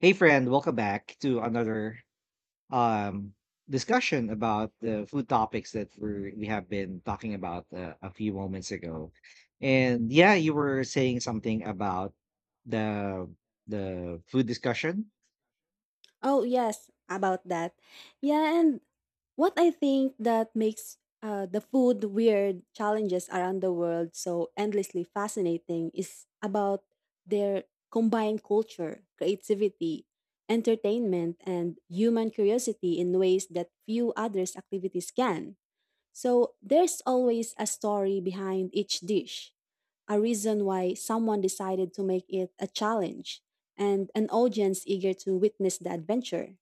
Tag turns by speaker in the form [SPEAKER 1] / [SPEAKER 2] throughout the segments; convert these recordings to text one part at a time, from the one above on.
[SPEAKER 1] Hey friend, welcome back to another um discussion about the food topics that we have been talking about a few moments ago. And yeah, you were saying something about the the food discussion.
[SPEAKER 2] Oh, yes, about that. Yeah, and what I think that makes the food weird challenges around the world so endlessly fascinating is about their combined culture, creativity, entertainment, and human curiosity in ways that few others' activities can. So there's always a story behind each dish, a reason why someone decided to make it a challenge, and an audience eager to witness the adventure.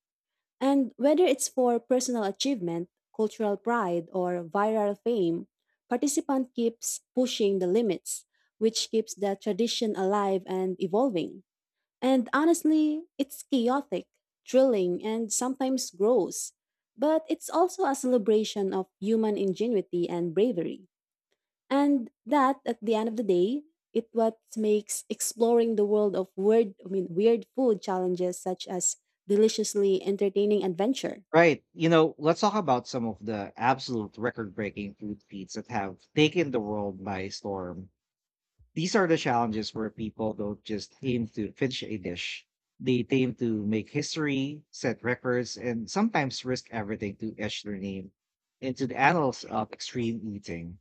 [SPEAKER 2] And whether it's for personal achievement, cultural pride, or viral fame, participant keeps pushing the limits, which keeps the tradition alive and evolving. And honestly, it's chaotic, thrilling, and sometimes gross. But it's also a celebration of human ingenuity and bravery. And that, at the end of the day, it what makes exploring the world of weird, I mean, weird food challenges such as deliciously entertaining adventure.
[SPEAKER 1] Right. You know, let's talk about some of the absolute record-breaking food feats that have taken the world by storm. These are the challenges where people don't just aim to finish a dish. They aim to make history, set records, and sometimes risk everything to etch their name into the annals of extreme eating.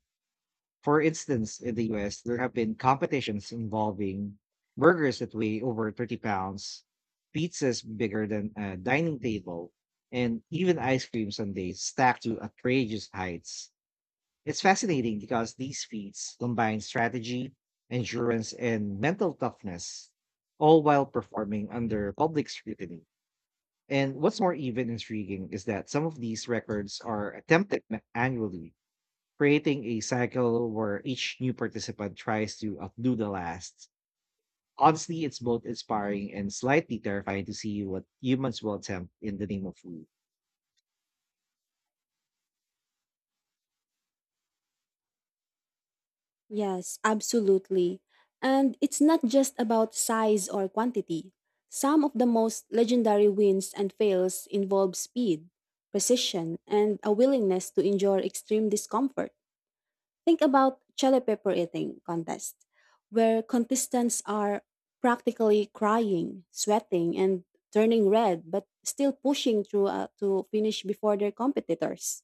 [SPEAKER 1] For instance, in the US, there have been competitions involving burgers that weigh over 30 pounds, pizzas bigger than a dining table, and even ice cream sundaes stacked to outrageous heights. It's fascinating because these feats combine strategy, endurance, and mental toughness, all while performing under public scrutiny. And what's more, even intriguing, is that some of these records are attempted annually, creating a cycle where each new participant tries to outdo the last. Honestly, it's both inspiring and slightly terrifying to see what humans will attempt in the name of food.
[SPEAKER 2] Yes, absolutely. And it's not just about size or quantity. Some of the most legendary wins and fails involve speed, precision, and a willingness to endure extreme discomfort. Think about chili pepper eating contest, where contestants are practically crying, sweating, and turning red, but still pushing through to finish before their competitors.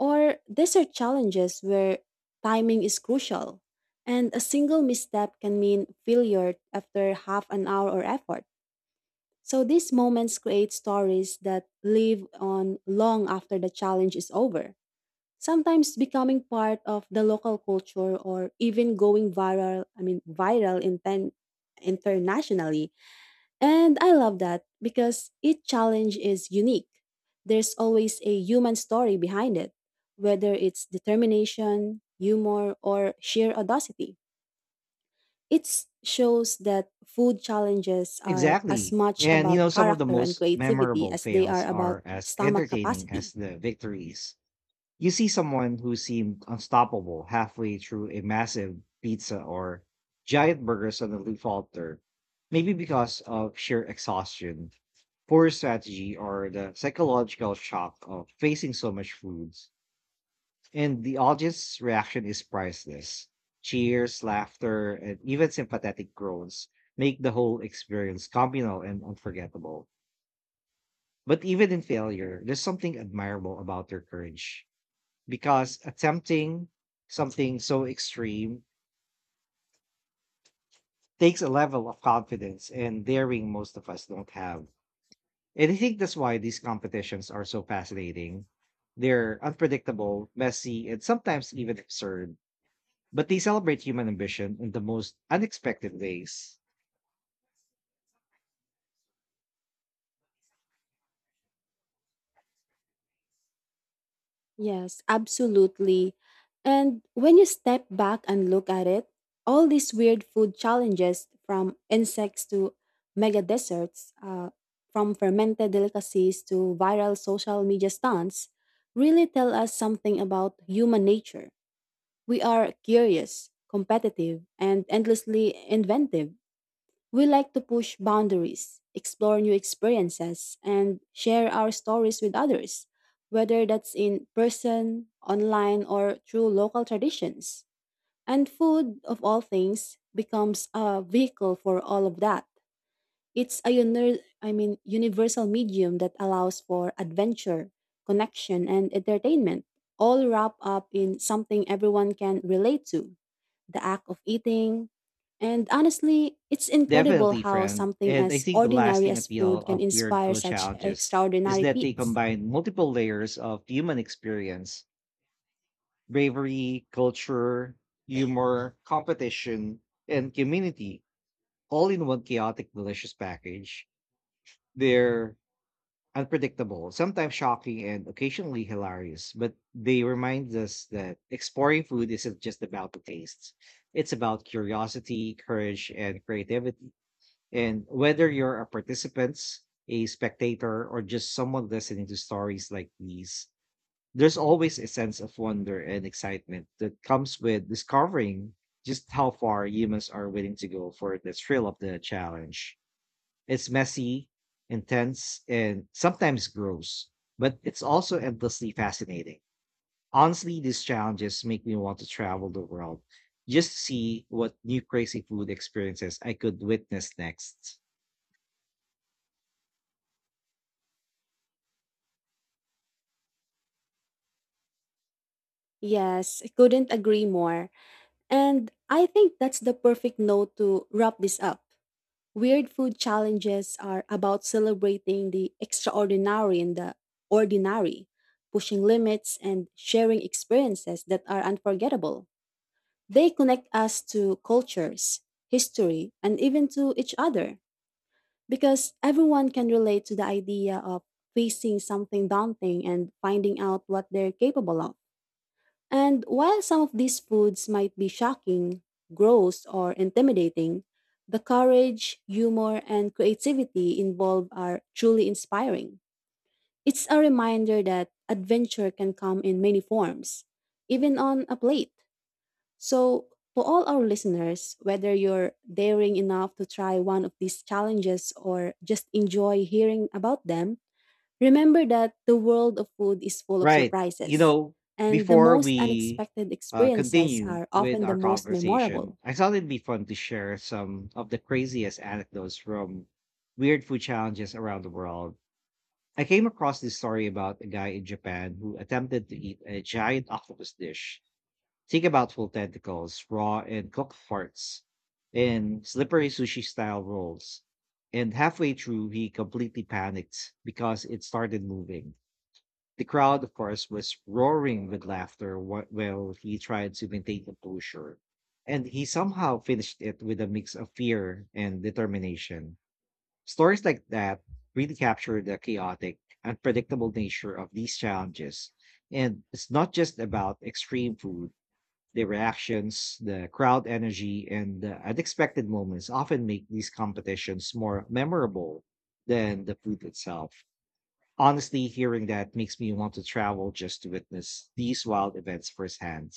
[SPEAKER 2] Or these are challenges where timing is crucial, and a single misstep can mean failure after half an hour or effort. So these moments create stories that live on long after the challenge is over, sometimes becoming part of the local culture or even going viral, I mean viral in internationally. And I love that because each challenge is unique. There's always a human story behind it, whether it's determination, humor, or sheer audacity. It shows that food challenges are as
[SPEAKER 1] Exactly.
[SPEAKER 2] much
[SPEAKER 1] And you know,
[SPEAKER 2] about
[SPEAKER 1] some of the
[SPEAKER 2] character and
[SPEAKER 1] most
[SPEAKER 2] creativity
[SPEAKER 1] memorable
[SPEAKER 2] as they
[SPEAKER 1] fails
[SPEAKER 2] are about
[SPEAKER 1] are as
[SPEAKER 2] stomach
[SPEAKER 1] entertaining as
[SPEAKER 2] capacity.
[SPEAKER 1] the victories. You see someone who seemed unstoppable halfway through a massive pizza or giant burger suddenly falter, maybe because of sheer exhaustion, poor strategy, or the psychological shock of facing so much food. And the audience's reaction is priceless. Cheers, laughter, and even sympathetic groans make the whole experience communal and unforgettable. But even in failure, there's something admirable about their courage because attempting something so extreme takes a level of confidence and daring most of us don't have. And I think that's why these competitions are so fascinating. They're unpredictable, messy, and sometimes even absurd, but they celebrate human ambition in the most unexpected ways.
[SPEAKER 2] Yes, absolutely. And when you step back and look at it, all these weird food challenges from insects to mega desserts, from fermented delicacies to viral social media stunts, really tell us something about human nature. We are curious, competitive, and endlessly inventive. We like to push boundaries, explore new experiences, and share our stories with others, whether that's in person, online, or through local traditions. And food, of all things, becomes a vehicle for all of that. It's a I mean, universal medium that allows for adventure, connection, and entertainment, all wrapped up in something everyone can relate to the act of eating. And honestly, it's incredible
[SPEAKER 1] Definitely,
[SPEAKER 2] how
[SPEAKER 1] friend.
[SPEAKER 2] something
[SPEAKER 1] And I
[SPEAKER 2] as
[SPEAKER 1] think the
[SPEAKER 2] ordinary
[SPEAKER 1] lasting
[SPEAKER 2] as
[SPEAKER 1] appeal
[SPEAKER 2] food can
[SPEAKER 1] of weird
[SPEAKER 2] inspire
[SPEAKER 1] food
[SPEAKER 2] such
[SPEAKER 1] challenges is
[SPEAKER 2] extraordinary
[SPEAKER 1] that they
[SPEAKER 2] feats.
[SPEAKER 1] combine multiple layers of human experience: bravery, culture, humor, competition, and community, all in one chaotic, delicious package. Their unpredictable, sometimes shocking, and occasionally hilarious. But they remind us that exploring food isn't just about the tastes, it's about curiosity, courage, and creativity. And whether you're a participant, a spectator, or just someone listening to stories like these, there's always a sense of wonder and excitement that comes with discovering just how far humans are willing to go for the thrill of the challenge. It's messy, intense, and sometimes gross, but it's also endlessly fascinating. Honestly, these challenges make me want to travel the world just to see what new crazy food experiences I could witness next.
[SPEAKER 2] Yes, I couldn't agree more. And I think that's the perfect note to wrap this up. Weird food challenges are about celebrating the extraordinary in the ordinary, pushing limits and sharing experiences that are unforgettable. They connect us to cultures, history, and even to each other. Because everyone can relate to the idea of facing something daunting and finding out what they're capable of. And while some of these foods might be shocking, gross, or intimidating, the courage, humor, and creativity involved are truly inspiring. It's a reminder that adventure can come in many forms, even on a plate. So, to all our listeners, whether you're daring enough to try one of these challenges or just enjoy hearing about them, remember that the world of food is full of
[SPEAKER 1] Right. You
[SPEAKER 2] surprises.
[SPEAKER 1] know,
[SPEAKER 2] And the
[SPEAKER 1] before
[SPEAKER 2] most
[SPEAKER 1] we
[SPEAKER 2] unexpected experiences
[SPEAKER 1] continue
[SPEAKER 2] are
[SPEAKER 1] with
[SPEAKER 2] often the
[SPEAKER 1] our
[SPEAKER 2] most
[SPEAKER 1] conversation,
[SPEAKER 2] memorable.
[SPEAKER 1] I thought it'd be fun to share some of the craziest anecdotes from weird food challenges around the world. I came across this story about a guy in Japan who attempted to eat a giant octopus dish. Think about full tentacles, raw and cooked parts, and slippery sushi style rolls. And halfway through, he completely panicked because it started moving. The crowd, of course, was roaring with laughter while he tried to maintain composure. And he somehow finished it with a mix of fear and determination. Stories like that really capture the chaotic, unpredictable nature of these challenges. And it's not just about extreme food. The reactions, the crowd energy, and the unexpected moments often make these competitions more memorable than the food itself. Honestly, hearing that makes me want to travel just to witness these wild events firsthand.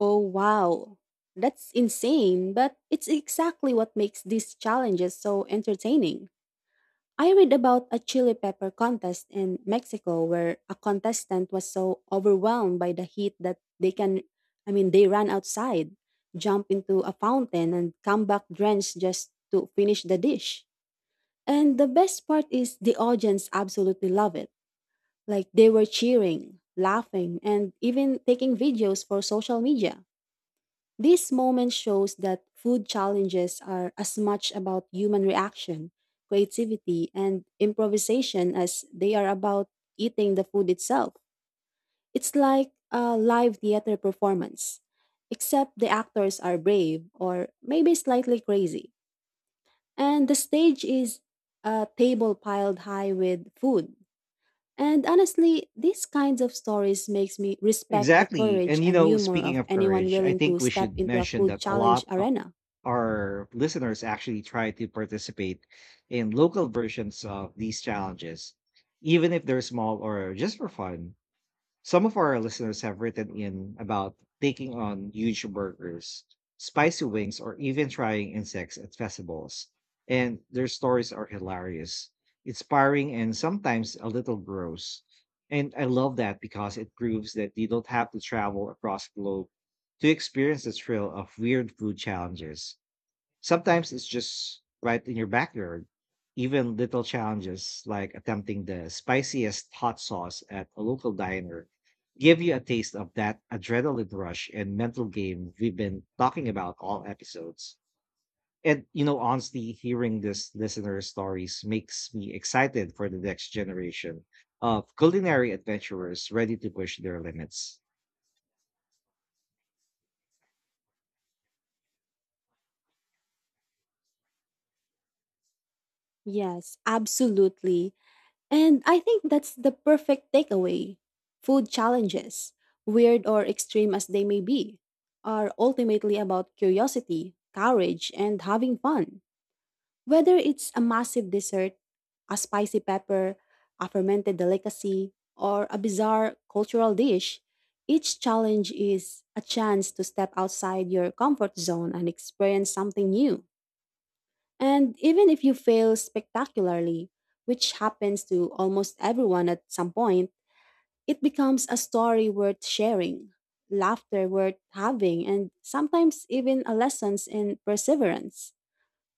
[SPEAKER 2] Oh, wow. That's insane, but it's exactly what makes these challenges so entertaining. I read about a chili pepper contest in Mexico where a contestant was so overwhelmed by the heat that they can, I mean, they ran outside, jump into a fountain, and come back drenched just to finish the dish. And the best part is the audience absolutely love it. Like they were cheering, laughing, and even taking videos for social media. This moment shows that food challenges are as much about human reaction, creativity, and improvisation as they are about eating the food itself. It's like a live theater performance, except the actors are brave or maybe slightly crazy. And the stage is a table piled high with food. And honestly, these kinds of stories makes me respect the
[SPEAKER 1] Exactly.
[SPEAKER 2] courage
[SPEAKER 1] And you
[SPEAKER 2] and
[SPEAKER 1] know,
[SPEAKER 2] humor
[SPEAKER 1] speaking
[SPEAKER 2] of
[SPEAKER 1] of
[SPEAKER 2] anyone
[SPEAKER 1] courage, I
[SPEAKER 2] willing to
[SPEAKER 1] think we
[SPEAKER 2] step
[SPEAKER 1] should
[SPEAKER 2] into a
[SPEAKER 1] mention
[SPEAKER 2] food
[SPEAKER 1] that a
[SPEAKER 2] challenge
[SPEAKER 1] lot of
[SPEAKER 2] arena.
[SPEAKER 1] our listeners actually try to participate in local versions of these challenges, even if they're small or just for fun. Some of our listeners have written in about taking on huge burgers, spicy wings, or even trying insects at festivals. And their stories are hilarious, inspiring, and sometimes a little gross. And I love that because it proves that you don't have to travel across the globe to experience the thrill of weird food challenges. Sometimes it's just right in your backyard. Even little challenges like attempting the spiciest hot sauce at a local diner give you a taste of that adrenaline rush and mental game we've been talking about all episodes. And you know, honestly, hearing this listener stories makes me excited for the next generation of culinary adventurers ready to push their limits.
[SPEAKER 2] Yes, absolutely. And I think that's the perfect takeaway. Food challenges, weird or extreme as they may be, are ultimately about curiosity, courage, and having fun. Whether it's a massive dessert, a spicy pepper, a fermented delicacy, or a bizarre cultural dish, each challenge is a chance to step outside your comfort zone and experience something new. And even if you fail spectacularly, which happens to almost everyone at some point, it becomes a story worth sharing, laughter worth having, and sometimes even a lessons in perseverance.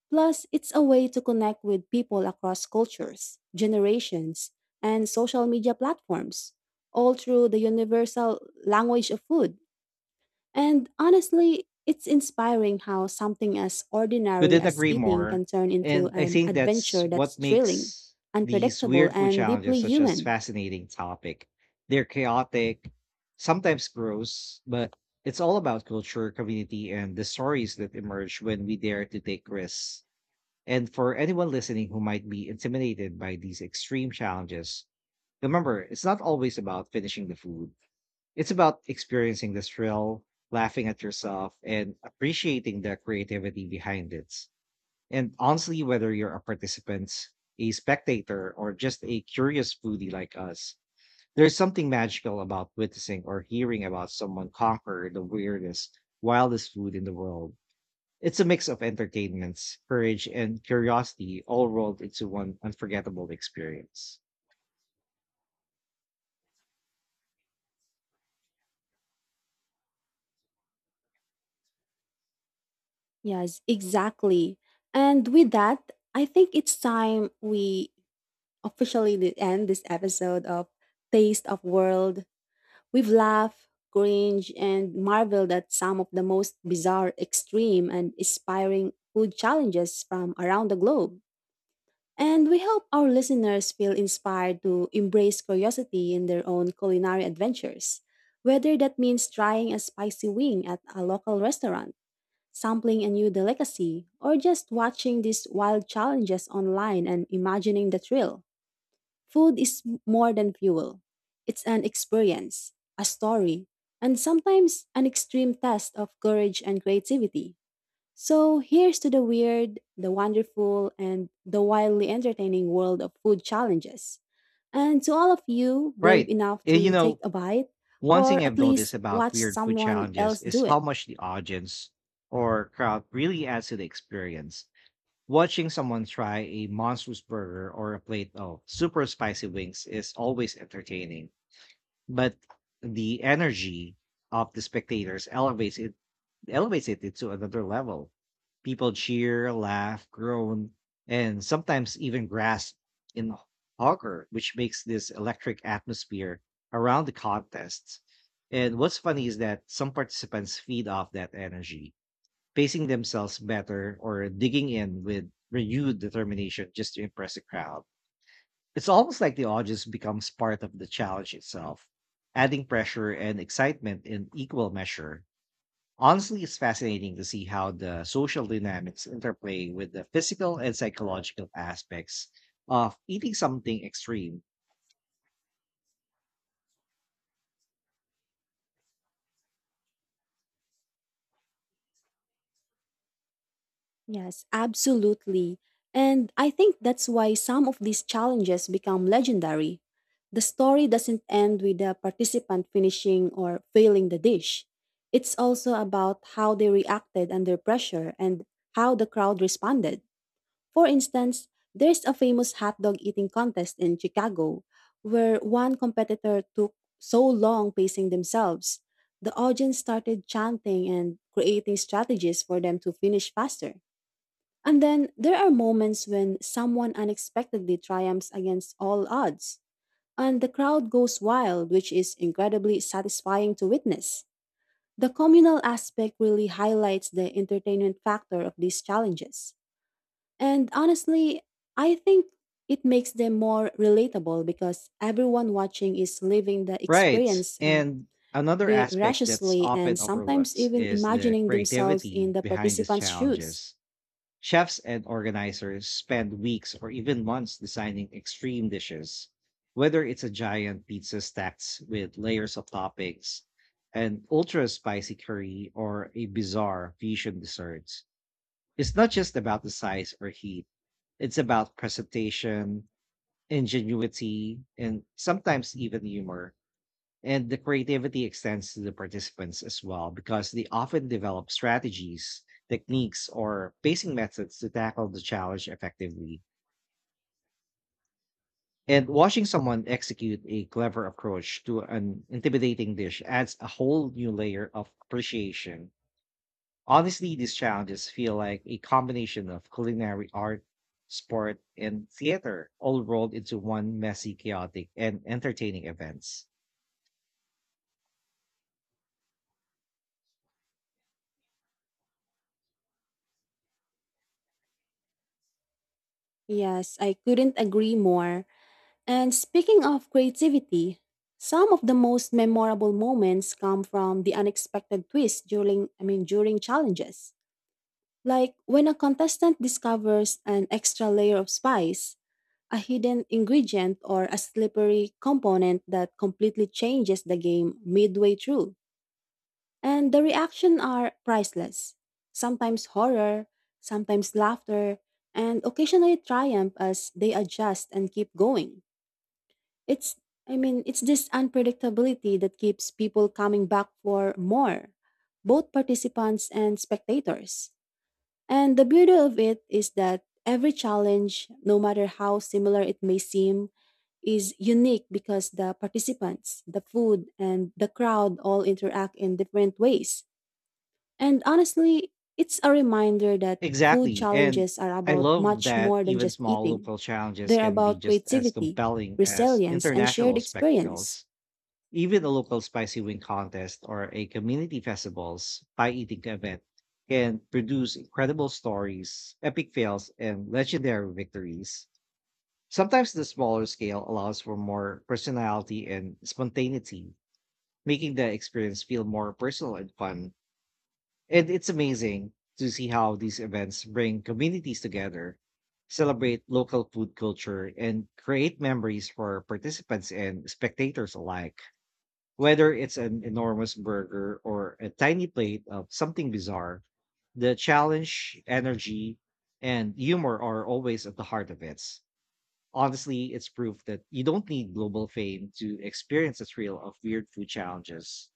[SPEAKER 2] Plus, it's a way to connect with people across cultures, generations, and social media platforms, all through the universal language of food. And honestly, it's inspiring how something as ordinary
[SPEAKER 1] Couldn't
[SPEAKER 2] as
[SPEAKER 1] agree
[SPEAKER 2] eating
[SPEAKER 1] more.
[SPEAKER 2] can turn into
[SPEAKER 1] And I
[SPEAKER 2] an
[SPEAKER 1] think that's
[SPEAKER 2] adventure that's
[SPEAKER 1] what
[SPEAKER 2] thrilling,
[SPEAKER 1] makes these
[SPEAKER 2] unpredictable,
[SPEAKER 1] weird food
[SPEAKER 2] and
[SPEAKER 1] challenges
[SPEAKER 2] deeply
[SPEAKER 1] such as
[SPEAKER 2] human.
[SPEAKER 1] fascinating topic. They're chaotic, sometimes gross, but it's all about culture, community, and the stories that emerge when we dare to take risks. And for anyone listening who might be intimidated by these extreme challenges, remember it's not always about finishing the food. It's about experiencing the thrill, laughing at yourself, and appreciating the creativity behind it. And honestly, whether you're a participant, a spectator, or just a curious foodie like us, there's something magical about witnessing or hearing about someone conquer the weirdest, wildest food in the world. It's a mix of entertainments, courage, and curiosity all rolled into one unforgettable experience.
[SPEAKER 2] Yes, exactly. And with that, I think it's time we officially end this episode of Taste of World. We've laughed, cringed, and marveled at some of the most bizarre, extreme, and inspiring food challenges from around the globe. And we hope our listeners feel inspired to embrace curiosity in their own culinary adventures, whether that means trying a spicy wing at a local restaurant, sampling a new delicacy, or just watching these wild challenges online and imagining the thrill. Food is more than fuel. It's an experience, a story, and sometimes an extreme test of courage and creativity. So here's to the weird, the wonderful, and the wildly entertaining world of food challenges. And to all of you brave
[SPEAKER 1] Right.
[SPEAKER 2] enough
[SPEAKER 1] You
[SPEAKER 2] to take
[SPEAKER 1] know,
[SPEAKER 2] a bite
[SPEAKER 1] one
[SPEAKER 2] or
[SPEAKER 1] thing I've
[SPEAKER 2] at
[SPEAKER 1] noticed
[SPEAKER 2] least
[SPEAKER 1] about
[SPEAKER 2] watch
[SPEAKER 1] weird food
[SPEAKER 2] someone
[SPEAKER 1] challenges
[SPEAKER 2] else
[SPEAKER 1] is
[SPEAKER 2] do
[SPEAKER 1] how
[SPEAKER 2] it.
[SPEAKER 1] much the audience or crowd really adds to the experience. Watching someone try a monstrous burger or a plate of super spicy wings is always entertaining, but the energy of the spectators elevates it to another level. People cheer, laugh, groan, and sometimes even grasp in hogger, which makes this electric atmosphere around the contests. And what's funny is that some participants feed off that energy, pacing themselves better or digging in with renewed determination just to impress the crowd. It's almost like the audience becomes part of the challenge itself, adding pressure and excitement in equal measure. Honestly, it's fascinating to see how the social dynamics interplay with the physical and psychological aspects of eating something extreme.
[SPEAKER 2] Yes, absolutely. And I think that's why some of these challenges become legendary. The story doesn't end with the participant finishing or failing the dish. It's also about how they reacted under pressure and how the crowd responded. For instance, there's a famous hot dog eating contest in Chicago where one competitor took so long pacing themselves, the audience started chanting and creating strategies for them to finish faster. And then there are moments when someone unexpectedly triumphs against all odds, and the crowd goes wild, which is incredibly satisfying to witness. The communal aspect really highlights the entertainment factor of these challenges. And honestly, I think it makes them more relatable because everyone watching is living the
[SPEAKER 1] Right.
[SPEAKER 2] experience
[SPEAKER 1] And another
[SPEAKER 2] very
[SPEAKER 1] aspect that's
[SPEAKER 2] rashly and
[SPEAKER 1] often
[SPEAKER 2] sometimes
[SPEAKER 1] overlooked
[SPEAKER 2] even
[SPEAKER 1] is the
[SPEAKER 2] imagining themselves
[SPEAKER 1] creativity
[SPEAKER 2] in the
[SPEAKER 1] behind these
[SPEAKER 2] participants' shoes.
[SPEAKER 1] challenges. Chefs and organizers spend weeks or even months designing extreme dishes, whether it's a giant pizza stacked with layers of toppings, an ultra spicy curry, or a bizarre fusion dessert. It's not just about the size or heat, it's about presentation, ingenuity, and sometimes even humor. And the creativity extends to the participants as well because they often develop strategies, techniques, or pacing methods to tackle the challenge effectively. And watching someone execute a clever approach to an intimidating dish adds a whole new layer of appreciation. Honestly, these challenges feel like a combination of culinary art, sport, and theater all rolled into one messy, chaotic, and entertaining event.
[SPEAKER 2] Yes, I couldn't agree more. And speaking of creativity, some of the most memorable moments come from the unexpected twist during I mean during challenges. Like when a contestant discovers an extra layer of spice a hidden ingredient or a slippery component that completely changes the game midway through. And the reaction are priceless. Sometimes horror, sometimes laughter, and occasionally triumph as they adjust and keep going. It's it's this unpredictability that keeps people coming back for more, both participants and spectators. And the beauty of it is that every challenge, no matter how similar it may seem, is unique because the participants, the food, and the crowd all interact in different ways. And honestly, it's a reminder that food
[SPEAKER 1] Exactly. And
[SPEAKER 2] challenges are
[SPEAKER 1] I
[SPEAKER 2] about
[SPEAKER 1] love
[SPEAKER 2] much
[SPEAKER 1] that
[SPEAKER 2] more than
[SPEAKER 1] even
[SPEAKER 2] just
[SPEAKER 1] small
[SPEAKER 2] eating.
[SPEAKER 1] local challenges
[SPEAKER 2] They're
[SPEAKER 1] can be
[SPEAKER 2] about
[SPEAKER 1] just as
[SPEAKER 2] creativity,
[SPEAKER 1] compelling as
[SPEAKER 2] resilience, and shared
[SPEAKER 1] international
[SPEAKER 2] experience.
[SPEAKER 1] spectacles. Even a local spicy wing contest or a community festival's pie eating event can produce incredible stories, epic fails, and legendary victories. Sometimes the smaller scale allows for more personality and spontaneity, making the experience feel more personal and fun. And it's amazing to see how these events bring communities together, celebrate local food culture, and create memories for participants and spectators alike. Whether it's an enormous burger or a tiny plate of something bizarre, the challenge, energy, and humor are always at the heart of it. Honestly, it's proof that you don't need global fame to experience the thrill of weird food challenges.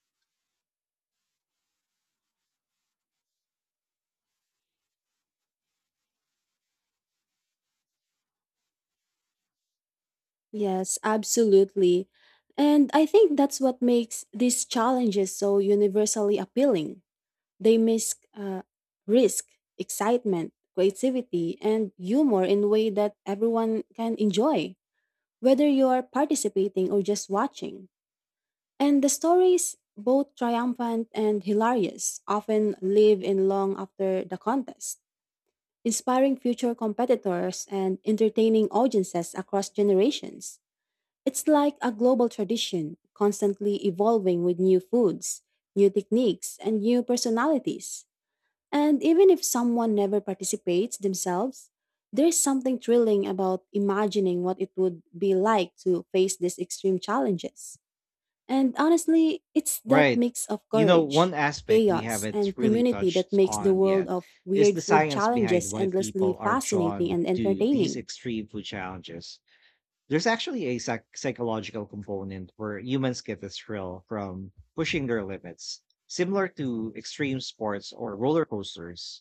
[SPEAKER 2] Yes, absolutely. And I think that's what makes these challenges so universally appealing. They miss risk, excitement, creativity, and humor in a way that everyone can enjoy, whether you are participating or just watching. And the stories, both triumphant and hilarious, often live in long after the contest, inspiring future competitors and entertaining audiences across generations. It's like a global tradition, constantly evolving with new foods, new techniques, and new personalities. And even if someone never participates themselves, there's something thrilling about imagining what it would be like to face these extreme challenges. And honestly, it's that
[SPEAKER 1] Right.
[SPEAKER 2] mix of
[SPEAKER 1] You know,
[SPEAKER 2] courage,
[SPEAKER 1] one aspect we
[SPEAKER 2] chaos,
[SPEAKER 1] haven't
[SPEAKER 2] and
[SPEAKER 1] really
[SPEAKER 2] community that
[SPEAKER 1] touched
[SPEAKER 2] makes the
[SPEAKER 1] on
[SPEAKER 2] world
[SPEAKER 1] yet
[SPEAKER 2] of
[SPEAKER 1] is
[SPEAKER 2] weird
[SPEAKER 1] the
[SPEAKER 2] food
[SPEAKER 1] science behind
[SPEAKER 2] challenges
[SPEAKER 1] why
[SPEAKER 2] endlessly
[SPEAKER 1] people are
[SPEAKER 2] fascinating
[SPEAKER 1] drawn
[SPEAKER 2] and
[SPEAKER 1] to these
[SPEAKER 2] entertaining.
[SPEAKER 1] extreme food challenges. There's actually a psychological component where humans get a thrill from pushing their limits, similar to extreme sports or roller coasters.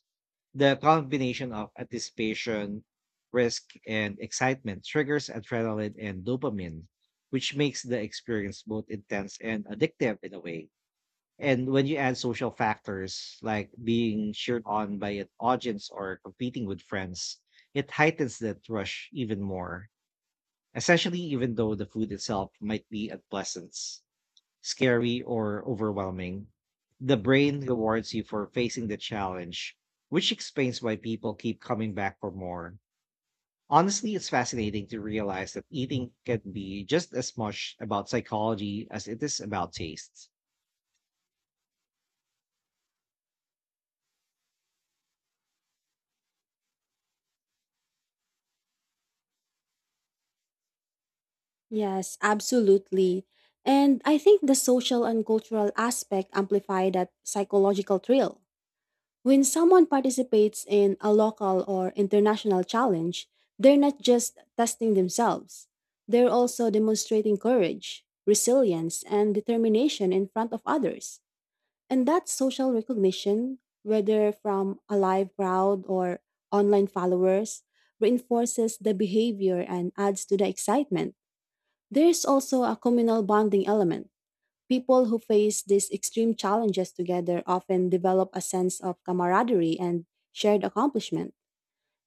[SPEAKER 1] The combination of anticipation, risk, and excitement triggers adrenaline and dopamine, which makes the experience both intense and addictive in a way. And when you add social factors like being cheered on by an audience or competing with friends, it heightens that rush even more, essentially, even though the food itself might be unpleasant, scary, or overwhelming. The brain rewards you for facing the challenge, which explains why people keep coming back for more. Honestly, it's fascinating to realize that eating can be just as much about psychology as it is about taste.
[SPEAKER 2] Yes, absolutely. And I think the social and cultural aspect amplify that psychological thrill. When someone participates in a local or international challenge, they're not just testing themselves, they're also demonstrating courage, resilience, and determination in front of others. And that social recognition, whether from a live crowd or online followers, reinforces the behavior and adds to the excitement. There's also a communal bonding element. People who face these extreme challenges together often develop a sense of camaraderie and shared accomplishment.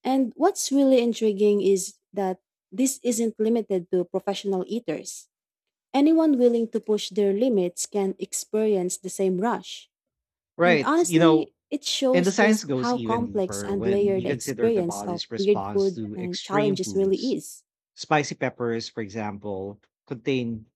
[SPEAKER 2] And what's really intriguing is that this isn't limited to professional eaters. Anyone willing to push their limits can experience the same rush. And
[SPEAKER 1] Right. You know,
[SPEAKER 2] honestly, it
[SPEAKER 1] and the
[SPEAKER 2] shows
[SPEAKER 1] science
[SPEAKER 2] just
[SPEAKER 1] goes
[SPEAKER 2] how
[SPEAKER 1] even
[SPEAKER 2] complex
[SPEAKER 1] deeper
[SPEAKER 2] and
[SPEAKER 1] when
[SPEAKER 2] layered
[SPEAKER 1] you
[SPEAKER 2] the
[SPEAKER 1] consider the
[SPEAKER 2] experience of
[SPEAKER 1] body's
[SPEAKER 2] weird
[SPEAKER 1] response
[SPEAKER 2] food
[SPEAKER 1] to
[SPEAKER 2] and
[SPEAKER 1] extreme
[SPEAKER 2] challenges really
[SPEAKER 1] foods.
[SPEAKER 2] is.
[SPEAKER 1] Spicy peppers, for example, contain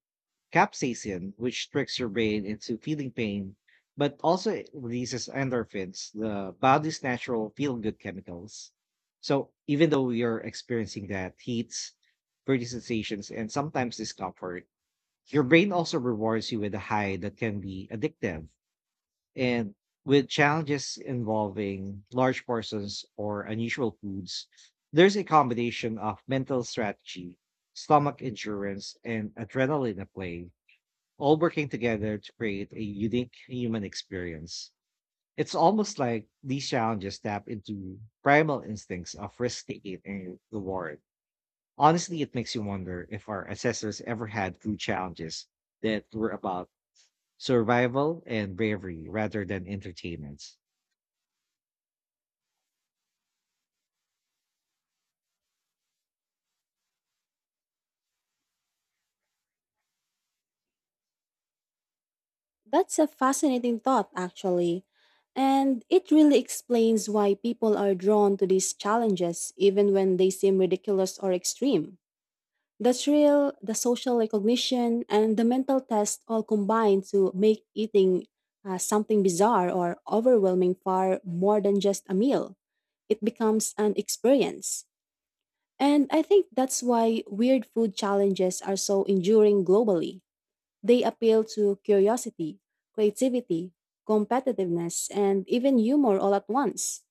[SPEAKER 1] capsaicin, which tricks your brain into feeling pain, but also it releases endorphins, the body's natural feel good chemicals. So even though you're experiencing that heat, burning sensations, and sometimes discomfort, your brain also rewards you with a high that can be addictive. And with challenges involving large portions or unusual foods, there's a combination of mental strategy, stomach endurance, and adrenaline at play, all working together to create a unique human experience. It's almost like these challenges tap into primal instincts of risk taking and reward. Honestly, it makes you wonder if our ancestors ever had food challenges that were about survival and bravery rather than entertainment.
[SPEAKER 2] That's a fascinating thought, actually. And it really explains why people are drawn to these challenges, even when they seem ridiculous or extreme. The thrill, the social recognition, and the mental test all combine to make eating something bizarre or overwhelming far more than just a meal. It becomes an experience. And I think that's why weird food challenges are so enduring globally. They appeal to curiosity, creativity, competitiveness, and even humor all at once.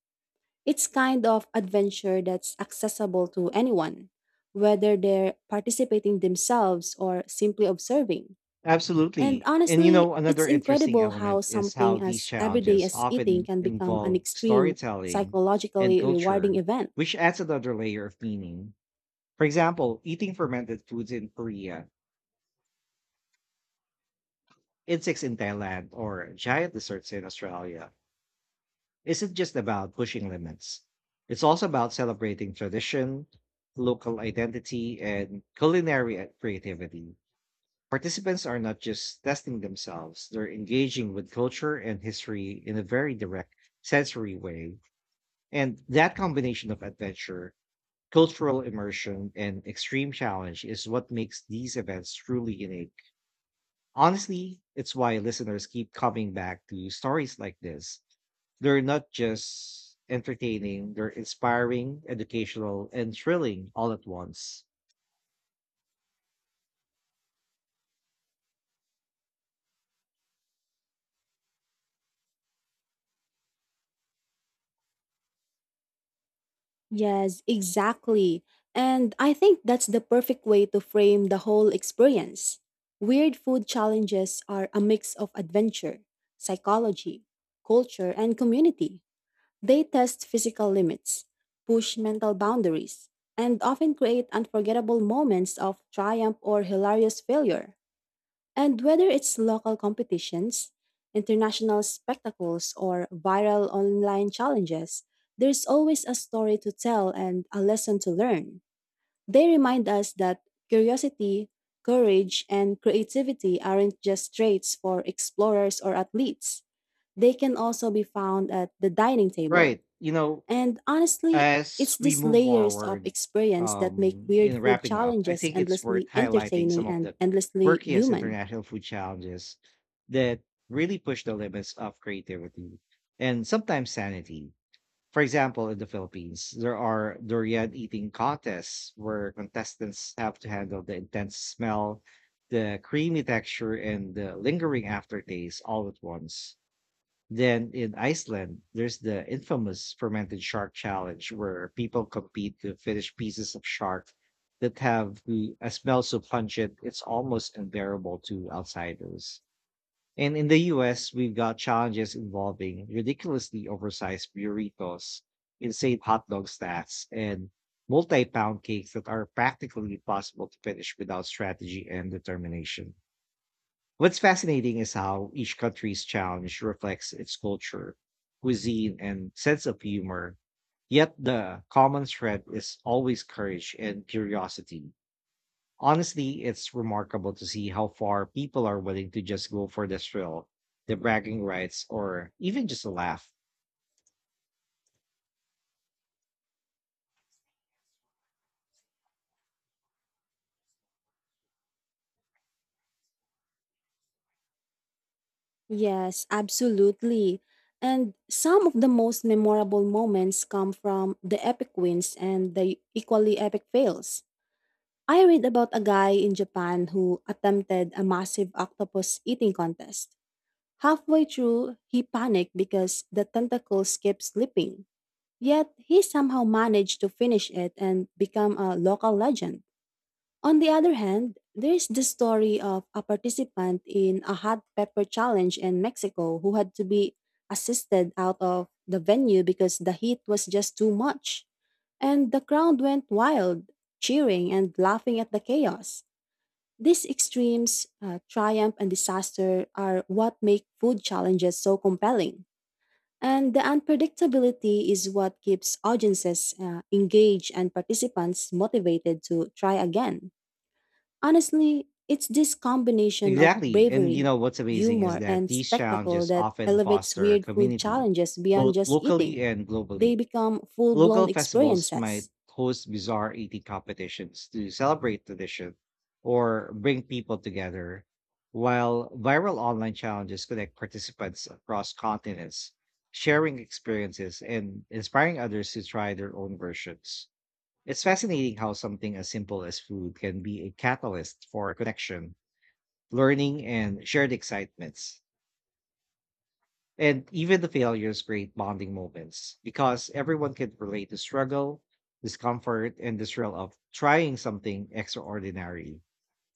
[SPEAKER 2] It's kind of adventure that's accessible to anyone, whether they're participating themselves or simply observing. And
[SPEAKER 1] Absolutely. And you
[SPEAKER 2] honestly,
[SPEAKER 1] know,
[SPEAKER 2] it's
[SPEAKER 1] another interesting
[SPEAKER 2] incredible how
[SPEAKER 1] element is how
[SPEAKER 2] something
[SPEAKER 1] these
[SPEAKER 2] as everyday
[SPEAKER 1] challenges
[SPEAKER 2] as eating
[SPEAKER 1] often
[SPEAKER 2] can become an
[SPEAKER 1] involve
[SPEAKER 2] extreme,
[SPEAKER 1] storytelling and
[SPEAKER 2] psychologically rewarding
[SPEAKER 1] culture,
[SPEAKER 2] event.
[SPEAKER 1] which adds another layer of meaning. For example, eating fermented foods in Korea, insects in Thailand, or giant desserts in Australia isn't just about pushing limits. It's also about celebrating tradition, local identity, and culinary creativity. Participants are not just testing themselves, they're engaging with culture and history in a very direct sensory way. And that combination of adventure, cultural immersion, and extreme challenge is what makes these events truly unique. Honestly, it's why listeners keep coming back to stories like this. They're not just entertaining, they're inspiring, educational, and thrilling all at once.
[SPEAKER 2] Yes, exactly. And I think that's the perfect way to frame the whole experience. Weird food challenges are a mix of adventure, psychology, culture, and community. They test physical limits, push mental boundaries, and often create unforgettable moments of triumph or hilarious failure. And whether it's local competitions, international spectacles, or viral online challenges, there's always a story to tell and a lesson to learn. They remind us that curiosity, courage, and creativity aren't just traits for explorers or athletes. They can also be found at the dining table.
[SPEAKER 1] Right. You know,
[SPEAKER 2] And honestly,
[SPEAKER 1] as
[SPEAKER 2] it's
[SPEAKER 1] we
[SPEAKER 2] these
[SPEAKER 1] move
[SPEAKER 2] layers of
[SPEAKER 1] forward
[SPEAKER 2] experience that make weird
[SPEAKER 1] in
[SPEAKER 2] food
[SPEAKER 1] wrapping up, I
[SPEAKER 2] challenges
[SPEAKER 1] think it's worth
[SPEAKER 2] endlessly
[SPEAKER 1] highlighting some
[SPEAKER 2] entertaining
[SPEAKER 1] of
[SPEAKER 2] and
[SPEAKER 1] the
[SPEAKER 2] endlessly
[SPEAKER 1] quirkiest
[SPEAKER 2] human.
[SPEAKER 1] international food challenges that really push the limits of creativity and sometimes sanity. For example, in the Philippines, there are durian eating contests where contestants have to handle the intense smell, the creamy texture, and the lingering aftertaste all at once. Then in Iceland, there's the infamous fermented shark challenge where people compete to finish pieces of shark that have a smell so pungent it's almost unbearable to outsiders. And in the US, we've got challenges involving ridiculously oversized burritos, insane hot dog stats, and multi pound cakes that are practically impossible to finish without strategy and determination. What's fascinating is how each country's challenge reflects its culture, cuisine, and sense of humor. Yet the common thread is always courage and curiosity. Honestly, it's remarkable to see how far people are willing to just go for the thrill, the bragging rights, or even just a laugh.
[SPEAKER 2] Yes, absolutely. And some of the most memorable moments come from the epic wins and the equally epic fails. I read about a guy in Japan who attempted a massive octopus eating contest. Halfway through, he panicked because the tentacles kept slipping. Yet, he somehow managed to finish it and become a local legend. On the other hand, there's the story of a participant in a hot pepper challenge in Mexico who had to be assisted out of the venue because the heat was just too much. And the crowd went wild, cheering and laughing at the chaos. These extremes, triumph and disaster, are what make food challenges so compelling. And the unpredictability is what keeps audiences engaged and participants motivated to try again. Honestly, it's this combination of
[SPEAKER 1] Exactly. And you
[SPEAKER 2] bravery,
[SPEAKER 1] know what's amazing is
[SPEAKER 2] humor,
[SPEAKER 1] that
[SPEAKER 2] and
[SPEAKER 1] these
[SPEAKER 2] spectacle
[SPEAKER 1] challenges
[SPEAKER 2] that
[SPEAKER 1] often
[SPEAKER 2] elevates
[SPEAKER 1] foster
[SPEAKER 2] weird food
[SPEAKER 1] community,
[SPEAKER 2] challenges beyond
[SPEAKER 1] both
[SPEAKER 2] just
[SPEAKER 1] locally
[SPEAKER 2] eating.
[SPEAKER 1] and
[SPEAKER 2] They
[SPEAKER 1] globally.
[SPEAKER 2] become full
[SPEAKER 1] Local
[SPEAKER 2] blown
[SPEAKER 1] festivals might
[SPEAKER 2] experiences.
[SPEAKER 1] host bizarre eating competitions to celebrate tradition or bring people together, while viral online challenges connect participants across continents, sharing experiences and inspiring others to try their own versions. It's fascinating how something as simple as food can be a catalyst for connection, learning, and shared excitements. And even the failures create bonding moments because everyone can relate to struggle, discomfort, and the thrill of trying something extraordinary.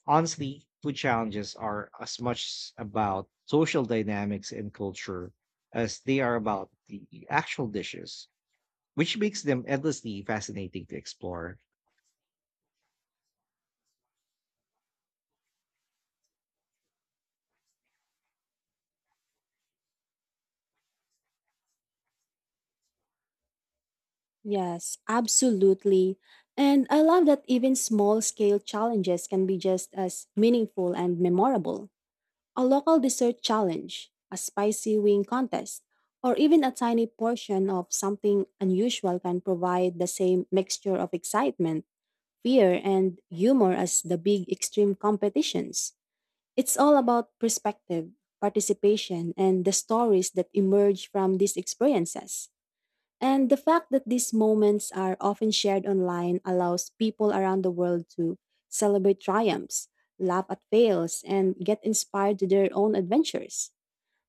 [SPEAKER 1] Honestly, food challenges are as much about social dynamics and culture as they are about the actual dishes, which makes them endlessly fascinating to explore.
[SPEAKER 2] Yes, absolutely. And I love that even small scale challenges can be just as meaningful and memorable. A local dessert challenge, a spicy wing contest, or even a tiny portion of something unusual can provide the same mixture of excitement fear, and humor as the big extreme competitions. It's all about perspective, participation, and the stories that emerge from these experiences. And the fact that these moments are often shared online allows people around the world to celebrate triumphs, laugh at fails, and get inspired to their own adventures.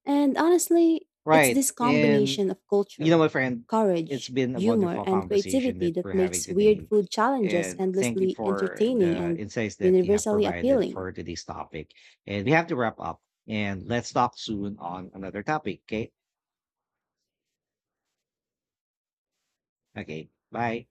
[SPEAKER 2] And honestly, it's
[SPEAKER 1] Right.
[SPEAKER 2] this
[SPEAKER 1] And
[SPEAKER 2] combination of
[SPEAKER 1] you know,
[SPEAKER 2] culture,
[SPEAKER 1] my friend, it's
[SPEAKER 2] courage,
[SPEAKER 1] been a
[SPEAKER 2] humor,
[SPEAKER 1] wonderful
[SPEAKER 2] and
[SPEAKER 1] conversation
[SPEAKER 2] creativity
[SPEAKER 1] that
[SPEAKER 2] that
[SPEAKER 1] we're having
[SPEAKER 2] makes weird
[SPEAKER 1] today.
[SPEAKER 2] food challenges
[SPEAKER 1] And thank you
[SPEAKER 2] endlessly
[SPEAKER 1] for
[SPEAKER 2] entertaining
[SPEAKER 1] the
[SPEAKER 2] and
[SPEAKER 1] insights that you have
[SPEAKER 2] universally
[SPEAKER 1] provided
[SPEAKER 2] appealing.
[SPEAKER 1] for today's topic. And we have to wrap up. And let's talk soon on another topic. Okay. Okay. Bye.